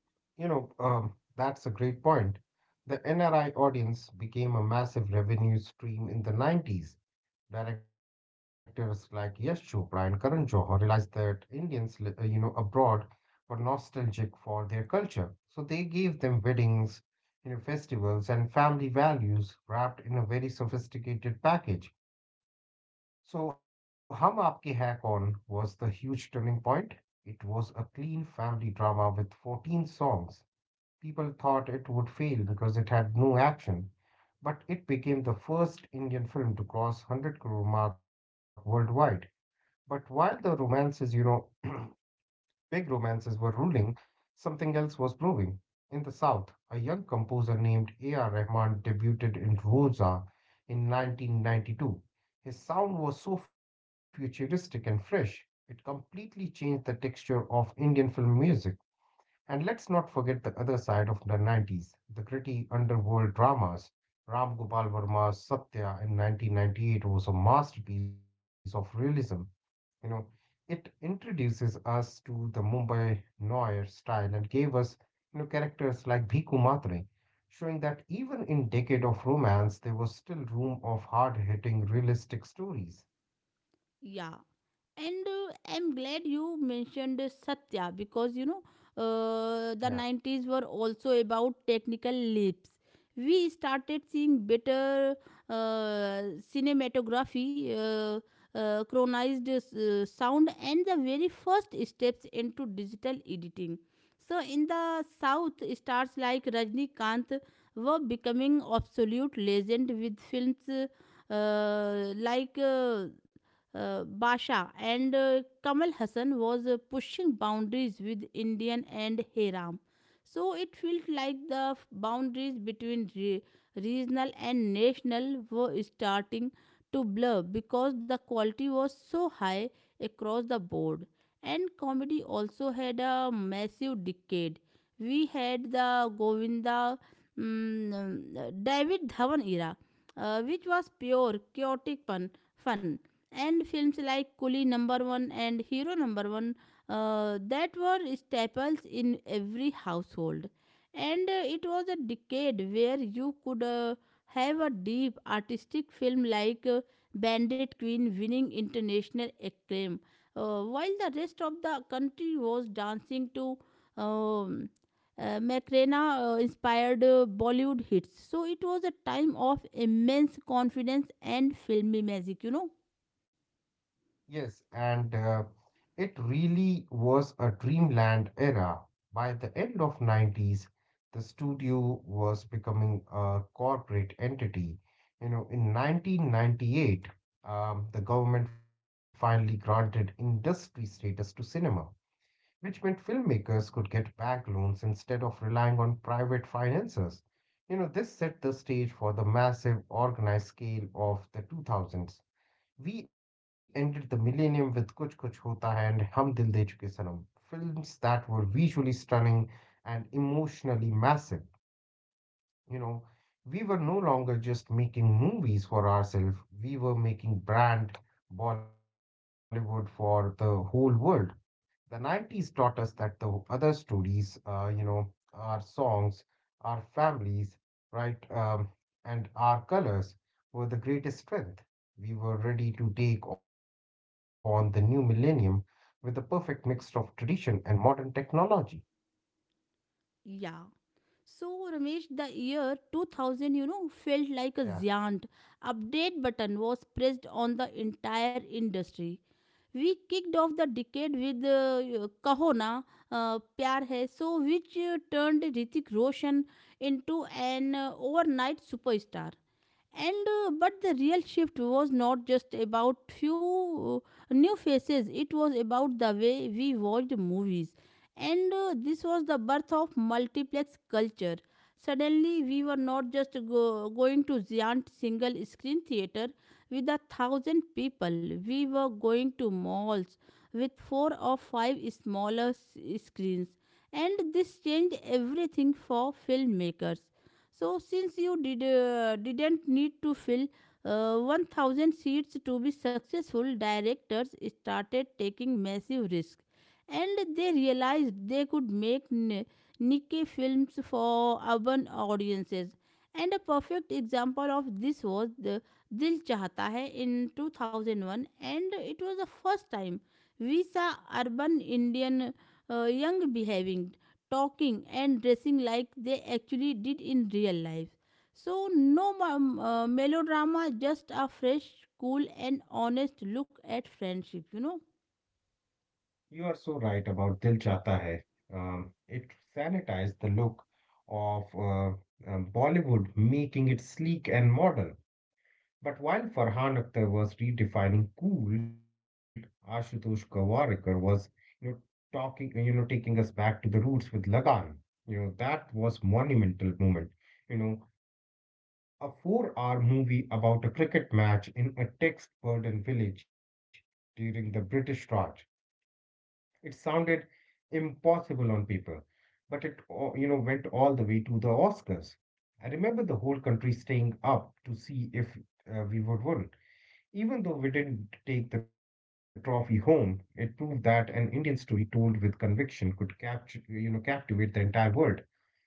Speaker 2: you know, that's a great point. The NRI audience became a massive revenue stream in the 90s. Directors like Yash Chopra and Karan Johar realized that Indians, you know, abroad were nostalgic for their culture. So they gave them weddings, you know, festivals and family values wrapped in a very sophisticated package. So Hum Aapke Hai Kaun was the huge turning point. It was a clean family drama with 14 songs. People thought it would fail because it had no action, but it became the first Indian film to cross 100 crore mark worldwide. But while the romances, you know, big romances were ruling, something else was brewing. In the South, a young composer named A.R. Rahman debuted in Rosa in 1992. His sound was so futuristic and fresh, it completely changed the texture of Indian film music. And let's not forget the other side of the 90s, the gritty underworld dramas. Ram Gopal Varma's Satya in 1998 was a masterpiece of realism. You know, it introduces us to the Mumbai Noir style and gave us, you know, characters like Bhikkhu Matre, showing that even in decade of romance, there was still room of hard-hitting, realistic stories.
Speaker 1: Yeah. And I'm glad you mentioned Satya, because, you know,
Speaker 2: Yeah.
Speaker 1: the 90s were also about technical leaps. We started seeing better uh, cinematography chronized sound, and the very first steps into digital editing. So in the south, stars like Rajnikant were becoming absolute legend with films like Basha, and Kamal Hassan was pushing boundaries with Indian and Hiram. So it felt like the boundaries between regional and national were starting to blur, because the quality was so high across the board. And comedy also had a massive decade. We had the Govinda, mm, David Dhawan era, which was pure chaotic fun, and films like Coolie Number One and Hero Number One that were staples in every household. And it was a decade where you could have a deep artistic film like Bandit Queen winning international acclaim, while the rest of the country was dancing to um, Macarena inspired Bollywood hits. So it was a time of immense confidence and filmy magic, you know.
Speaker 2: Yes, and it really was a dreamland era. By the end of 90s, the studio was becoming a corporate entity. You know, in 1998, the government finally granted industry status to cinema, which meant filmmakers could get bank loans instead of relying on private financiers. You know, this set the stage for the massive organized scale of the 2000s. We ended the millennium with Kuch Kuch Hota Hai and Hum Dil De Chuke Sanam, films that were visually stunning and emotionally massive. You know, we were no longer just making movies for ourselves, we were making brand Bollywood for the whole world. The 90s taught us that the other stories, you know, our songs, our families, right, and our colors were the greatest strength. We were ready to take on the new millennium with the perfect mix of tradition and modern technology.
Speaker 1: Yeah. So, Ramesh, the year 2000, you know, felt
Speaker 2: Yeah,
Speaker 1: like a giant update button was pressed on the entire industry. We kicked off the decade with Kahona Pyar Hai, which turned Ritik Roshan into an overnight superstar and but the real shift was not just about few new faces. It was about the way we watched movies, and this was the birth of multiplex culture. Suddenly we were not just going to giant single screen theater with a thousand people, we were going to malls with four or five smaller screens, and this changed everything for filmmakers. So since you didn't need to fill 1000 seats to be successful, directors started taking massive risk, and they realized they could make niche films for urban audiences. And a perfect example of this was the Dil Chahta Hai in 2001, and it was the first time we saw urban Indian young behaving, talking and dressing like they actually did in real life. So, no melodrama, just a fresh, cool, and honest look at friendship, you know.
Speaker 2: you are so right about Dil Chata Hai. It sanitized the look of Bollywood, making it sleek and modern. But while Farhan Akhtar was redefining cool, Ashutosh Gawarikar was, you know, you know, taking us back to the roots with Lagan. You know, that was monumental moment. You know, a 4-hour movie about a cricket match in a text-burdened village during the British Raj. It sounded impossible on paper, but you know, went all the way to the Oscars. I remember the whole country staying up to see if we would win. Even though we didn't take the trophy home, it proved that an Indian story told with conviction could capture, you know, captivate the entire world.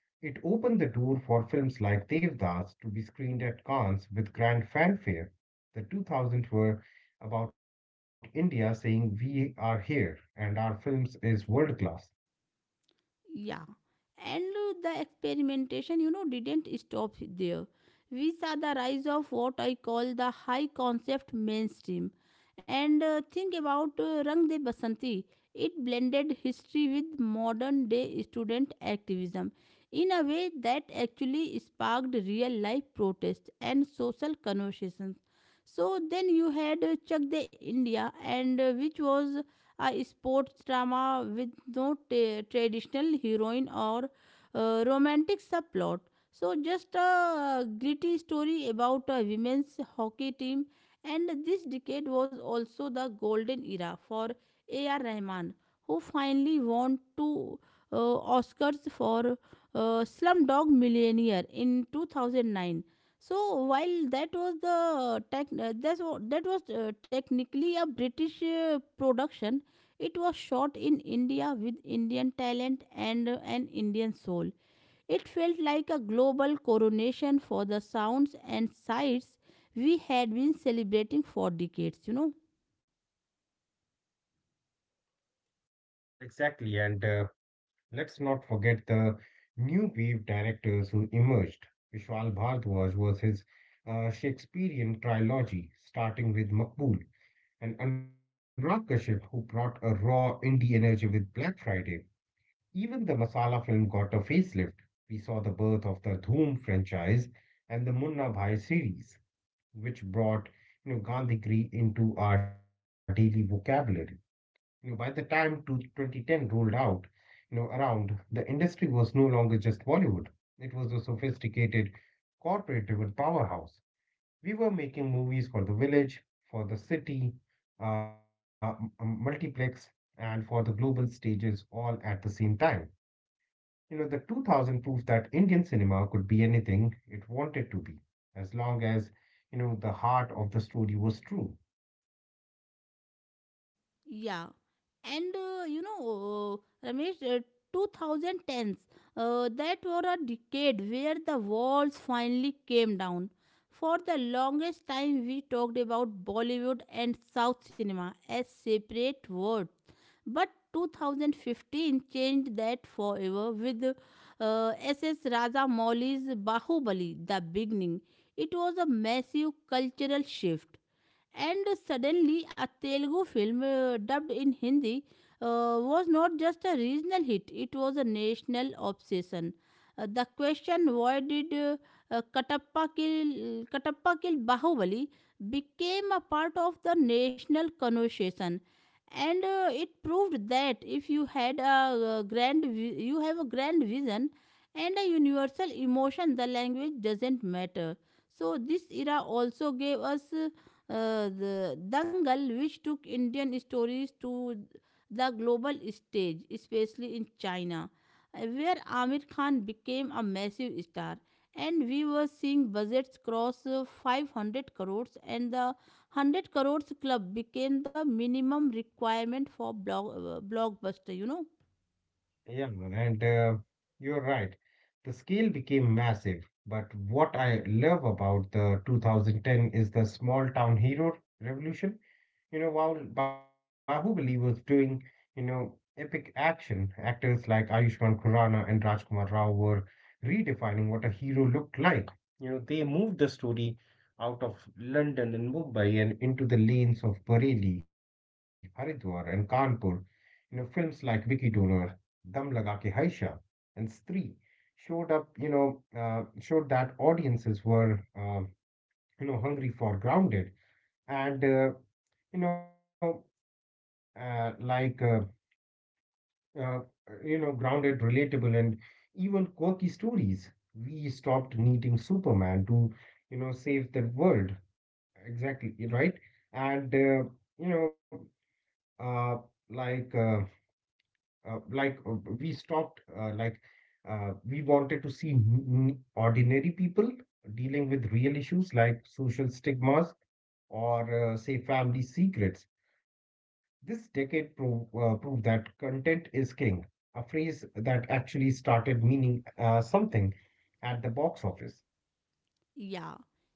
Speaker 2: It opened the door for films like Devdas to be screened at Cannes with grand fanfare. The 2000s were about India saying, "We are here, and our films is world class."
Speaker 1: Yeah. And the experimentation, didn't stop there. We saw the rise of what I call the high concept mainstream. And think about Rang De Basanti. It blended history with modern day student activism in a way that actually sparked real life protests and social conversations. So then you had Chak De India, and which was a sports drama with no traditional heroine or romantic subplot. So, just a gritty story about a women's hockey team. And this decade was also the golden era for A.R. Rahman, who finally won two Oscars for Slumdog Millionaire in 2009. So while that was the tech, that's, wa- that was technically a British production, it was shot in India with Indian talent and an Indian soul. It felt like a global coronation for the sounds and sights we had been celebrating for decades, you know.
Speaker 2: Exactly, and let's not forget the new wave directors who emerged. Vishal Bhardwaj was his Shakespearean trilogy, starting with Makbul, and Anurag Kashyap, who brought a raw indie energy with Black Friday. Even the masala film got a facelift. We saw the birth of the Dhoom franchise and the Munna Bhai series, which brought Gandhigiri into our daily vocabulary. By the time to 2010 rolled out, the industry was no longer just Bollywood. It was a sophisticated, corporate-driven powerhouse. We were making movies for the village, for the city, multiplex, and for the global stages all at the same time. You know, the 2000 proved that Indian cinema could be anything it wanted to be, as long as, the heart of the story was true.
Speaker 1: Yeah. And, Ramesh, 2010s, that were a decade where the walls finally came down. For the longest time, we talked about Bollywood and South cinema as separate worlds. But 2015 changed that forever with S.S. Rajamouli's Bahubali, The Beginning. It was a massive cultural shift, and suddenly, a Telugu film dubbed in Hindi was not just a regional hit, it was a national obsession. The question, why did Katappa kill Bahubali, became a part of the national conversation. And it proved that if you have a grand vision and a universal emotion, the language doesn't matter. So this era also gave us the Dangal, which took Indian stories to the global stage, especially in China, where Amir Khan became a massive star. And we were seeing budgets cross 500 crores, and the 100 crores club became the minimum requirement for blockbuster, you know.
Speaker 2: Yeah, man, and you're right. The scale became massive, but what I love about the 2010 is the small town hero revolution. You know, while Bahubali was doing, epic action, actors like Ayushmann Khurrana and Rajkumar Rao were redefining what a hero looked like. You know, they moved the story out of London and Mumbai and into the lanes of Bareilly, Haridwar, and Kanpur. You know, films like Vicky Donor, Dam Laga Ke Haisha, and Stree showed that audiences were, hungry for grounded and you know like uh, you know grounded, relatable, and even quirky stories. We stopped needing superman to save the world. Exactly, right. And you know uh, like uh, like we stopped like We wanted to see ordinary people dealing with real issues like social stigmas or, say, family secrets. This decade proved that content is king, a phrase that actually started meaning something at the box office.
Speaker 1: Yeah,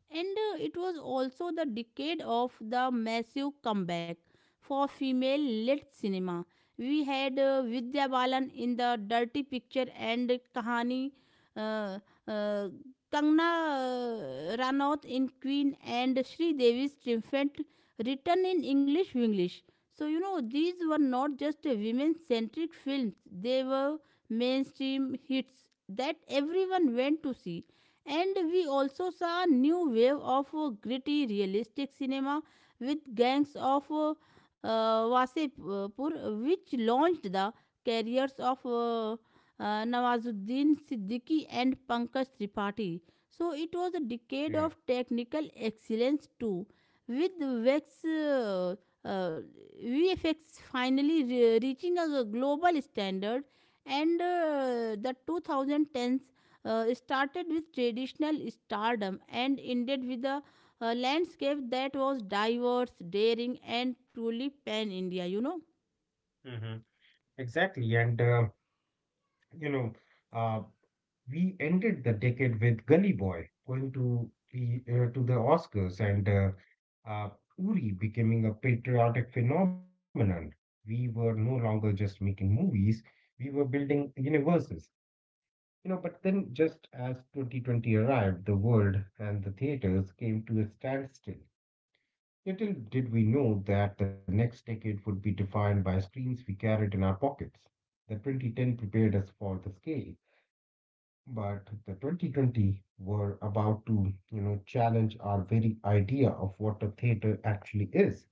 Speaker 1: and it was also the decade of the massive comeback for female led cinema. We had Vidya Balan in the Dirty Picture and Kahani, uh, uh, Kangna Ranaut in Queen, and Sri Devi's Triumphant return in English English. So, you know, these were not just women centric films, they were mainstream hits that everyone went to see. And we also saw a new wave of gritty realistic cinema with Gangs of Wasepur, which launched the careers of Nawazuddin Siddiqui and Pankaj Tripathi. So it was a decade
Speaker 2: Yeah,
Speaker 1: of technical excellence too, with VEX, uh, uh, VFX finally reaching a global standard, and the 2010s started with traditional stardom and ended with a landscape that was diverse, daring, and truly pan India, you know?
Speaker 2: hmm, exactly. You know, uh, we ended the decade with Gully Boy going to the Oscars and Uri becoming a patriotic phenomenon. We were no longer just making movies, we were building universes. You know, but then just as 2020 arrived, the world and the theaters came to a standstill. Little did we know that the next decade would be defined by screens we carried in our pockets. The 2010 prepared us for the scale, but the 2020 were about to, challenge our very idea of what a theater actually is.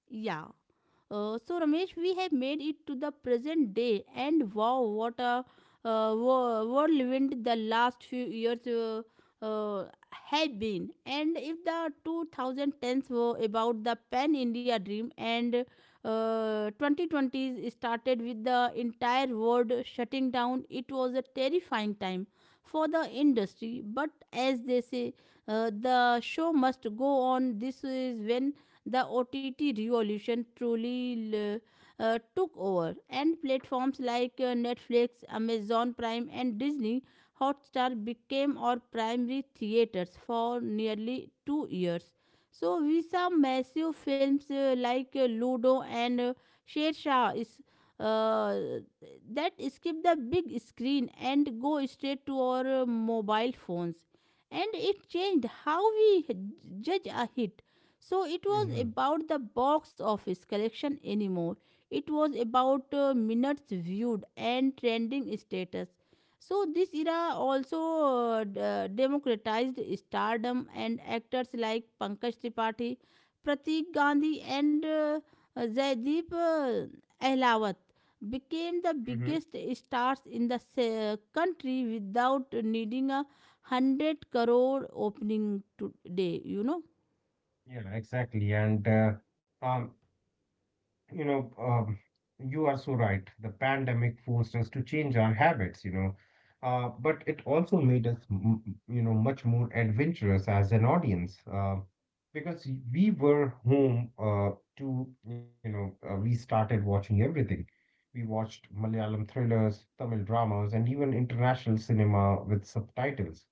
Speaker 1: Yeah. So Ramesh, we have made it to the present day, and wow, what a whirlwind the last few years uh, have been. And if the 2010s were about the Pan India dream, and 2020s started with the entire world shutting down, it was a terrifying time for the industry. But as they say, the show must go on. This is when the OTT revolution truly took over, and platforms like Netflix, Amazon Prime, and Disney Hotstar became our primary theaters for nearly 2 years. So we saw massive films like Ludo and Sher Shah is uh, that skip the big screen and go straight to our mobile phones, and it changed how we judge a hit. So it was
Speaker 2: Mm-hmm.
Speaker 1: about the box office collection anymore. It was about minutes viewed and trending status. So this era also democratized stardom, and actors like Pankaj Tripathi, Pratik Gandhi, and Zaideep Ahlawat became the
Speaker 2: Mm-hmm.
Speaker 1: biggest stars in the country without needing a 100 crore opening today, you know.
Speaker 2: Yeah, exactly. Um, You know, um, you are so right. The pandemic forced us to change our habits, but it also made us, much more adventurous as an audience because we were home. We started watching everything. We watched Malayalam thrillers, Tamil dramas, and even international cinema with subtitles.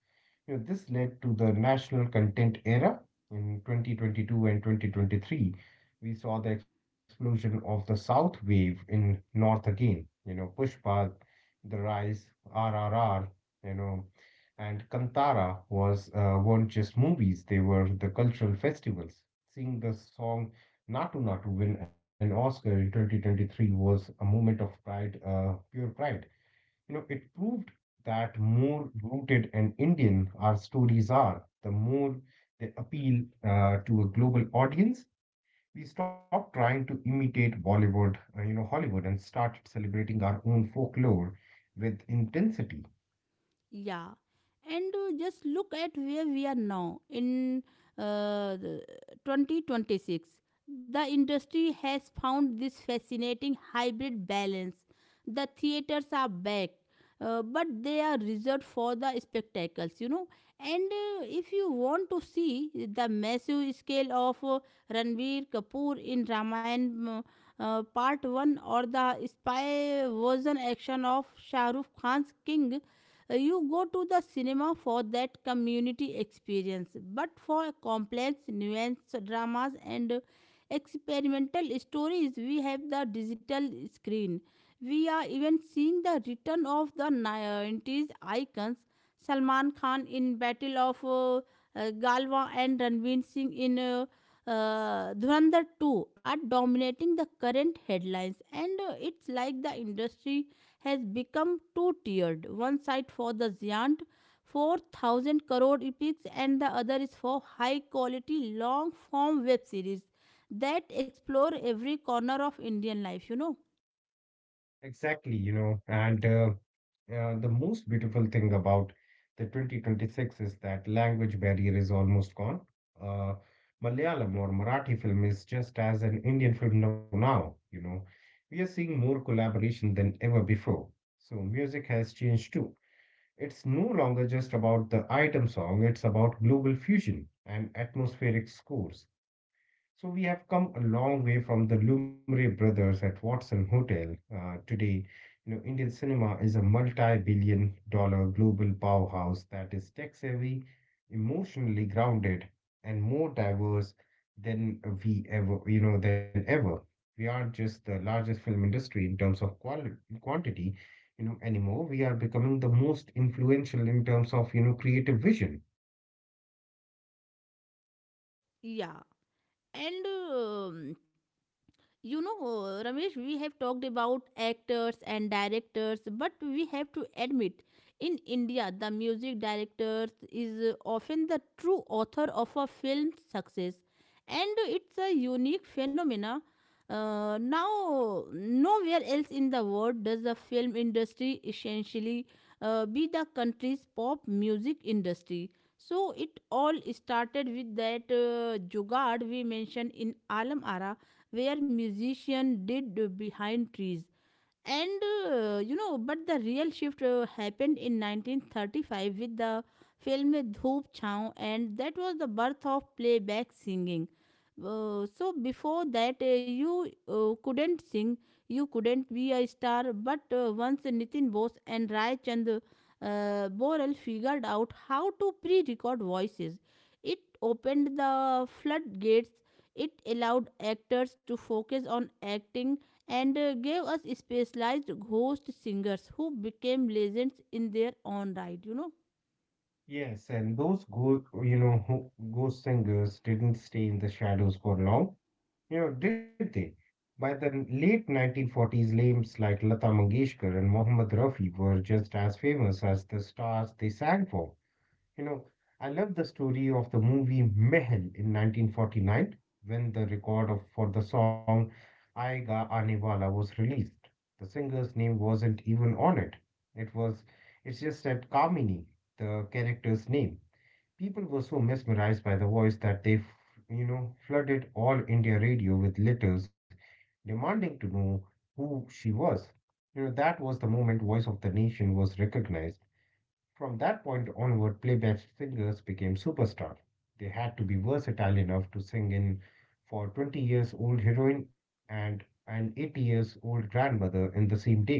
Speaker 2: You know, this led to the national content era in 2022 and 2023. We saw the explosion of the South wave in North again, you know, Pushpa, The Rise, RRR, you know, and Kantara was weren't just movies, they were the cultural festivals. Seeing the song Natu Natu win an Oscar in 2023 was a moment of pride, pure pride. You know, it proved that more rooted and Indian our stories are, the more they appeal to a global audience. We stopped trying to imitate Bollywood, Hollywood, and started celebrating our own folklore with intensity.
Speaker 1: Yeah, and just look at where we are now in the 2026. The industry has found this fascinating hybrid balance. The theaters are back, but they are reserved for the spectacles, you know. And if you want to see the massive scale of Ranveer Kapoor in Ramayan Part 1, or the spy version action of Shah Rukh Khan's King, you go to the cinema for that community experience. But for complex, nuanced dramas and experimental stories, we have the digital screen. We are even seeing the return of the 90s icons, Salman Khan in Battle of Galwa, and Ranveer Singh in Dhurandhar 2 are dominating the current headlines, and it's like the industry has become two tiered, one side for the giant 4000 crore epics, and the other is for high quality long form web series that explore every corner of Indian life, you know.
Speaker 2: Exactly, you know, and the most beautiful thing about the 2026 is that language barrier is almost gone. Uh, Malayalam or Marathi film is just as an Indian film now, now, you know. We are seeing more collaboration than ever before. So music has changed too. It's no longer just about the item song, it's about global fusion and atmospheric scores. So we have come a long way from the Lumiere brothers at Watson Hotel. Today, Indian cinema is a multi-billion dollar global powerhouse that is tech-savvy, emotionally grounded, and more diverse than we ever, than ever. We are just the largest film industry in terms of quality, quantity, anymore. We are becoming the most influential in terms of, creative vision.
Speaker 1: Yeah, and you know, Ramesh, we have talked about actors and directors, but we have to admit, in India, the music directors is often the true author of a film's success, and it's a unique phenomena. Nowhere else in the world does the film industry essentially be the country's pop music industry. So it all started with that jugaad we mentioned in Alam Ara, where musician did behind trees, and you know, but the real shift happened in 1935 with the film Dhoop Chhaon," and that was the birth of playback singing. So before that, you couldn't sing, you couldn't be a star. But once Nitin Bose and Rai Chand Borel figured out how to pre-record voices, it opened the floodgates. It allowed actors to focus on acting, and gave us specialized ghost singers who became legends in their own right, you know.
Speaker 2: Yes, and those go, you know, ho- ghost singers didn't stay in the shadows for long, did they? By the late 1940s, names like Lata Mangeshkar and Mohammed Rafi were just as famous as the stars they sang for. You know, I love the story of the movie Mehel in 1949 when the for the song Aayega Aane Wala was released. The singer's name wasn't even on it. It was, it's just that Kamini, the character's name. People were so mesmerized by the voice that they flooded all India radio with letters demanding to know who she was. You know, that was the moment Voice of the Nation was recognized. From that point onward, playback singers became superstars. They had to be versatile enough to sing in for 20 years old heroine and an 80 years old grandmother in the same day.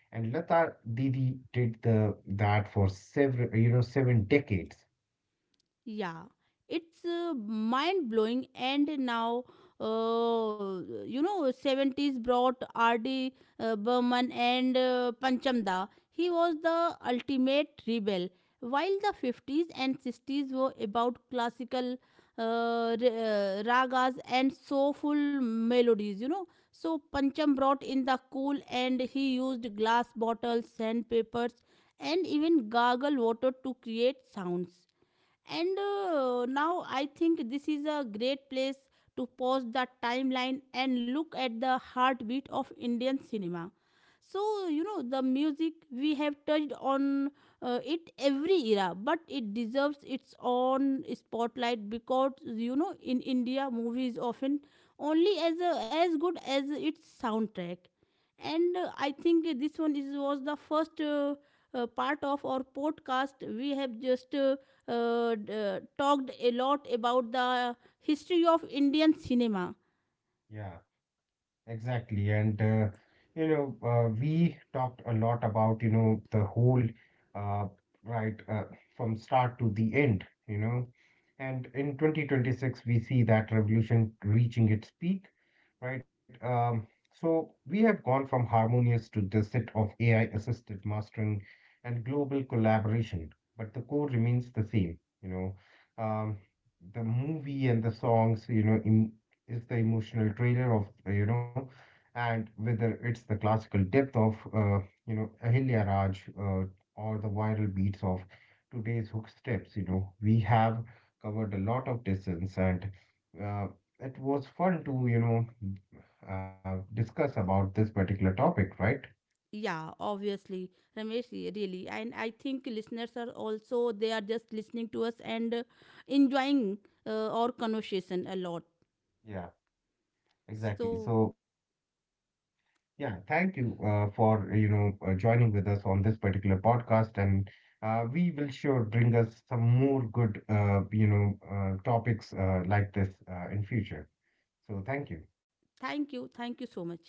Speaker 2: And Lata Didi did the that for several, seven decades.
Speaker 1: Yeah, it's mind blowing. And now, uh, you know, 70s brought R.D. Burman and Panchamda. He was the ultimate rebel. While the 50s and 60s were about classical ragas and soulful melodies, you know. So Pancham brought in the cool, and he used glass bottles, sandpapers, and even gargle water to create sounds. And now I think this is a great place to pause the timeline and look at the heartbeat of Indian cinema. So, you know, the music we have touched on it every era, but it deserves its own spotlight because, you know, in India, movies often only as, a, as good as its soundtrack. And I think this one is was the first part of our podcast. We have just talked a lot about the history of Indian cinema.
Speaker 2: Yeah. Exactly. We talked a lot about, uh, right, uh, from start to the end, you know. And in 2026, we see that revolution reaching its peak, right? So we have gone from harmonious to the set of AI assisted mastering and global collaboration, but the core remains the same, you know. Um, the movie and the songs, is the emotional trailer of and whether it's the classical depth of Ahilya Raj, or the viral beats of today's hook steps, we have covered a lot of distance, and uh, it was fun to, discuss about this particular topic, right?
Speaker 1: Yeah, obviously, Ramesh, really. And I think listeners are also, they are just listening to us and enjoying our conversation a lot.
Speaker 2: Yeah, exactly.
Speaker 1: So
Speaker 2: So yeah, thank you for joining with us on this particular podcast, and we will sure bring us some more good, topics like this in future. So thank you.
Speaker 1: thank you, thank you so much.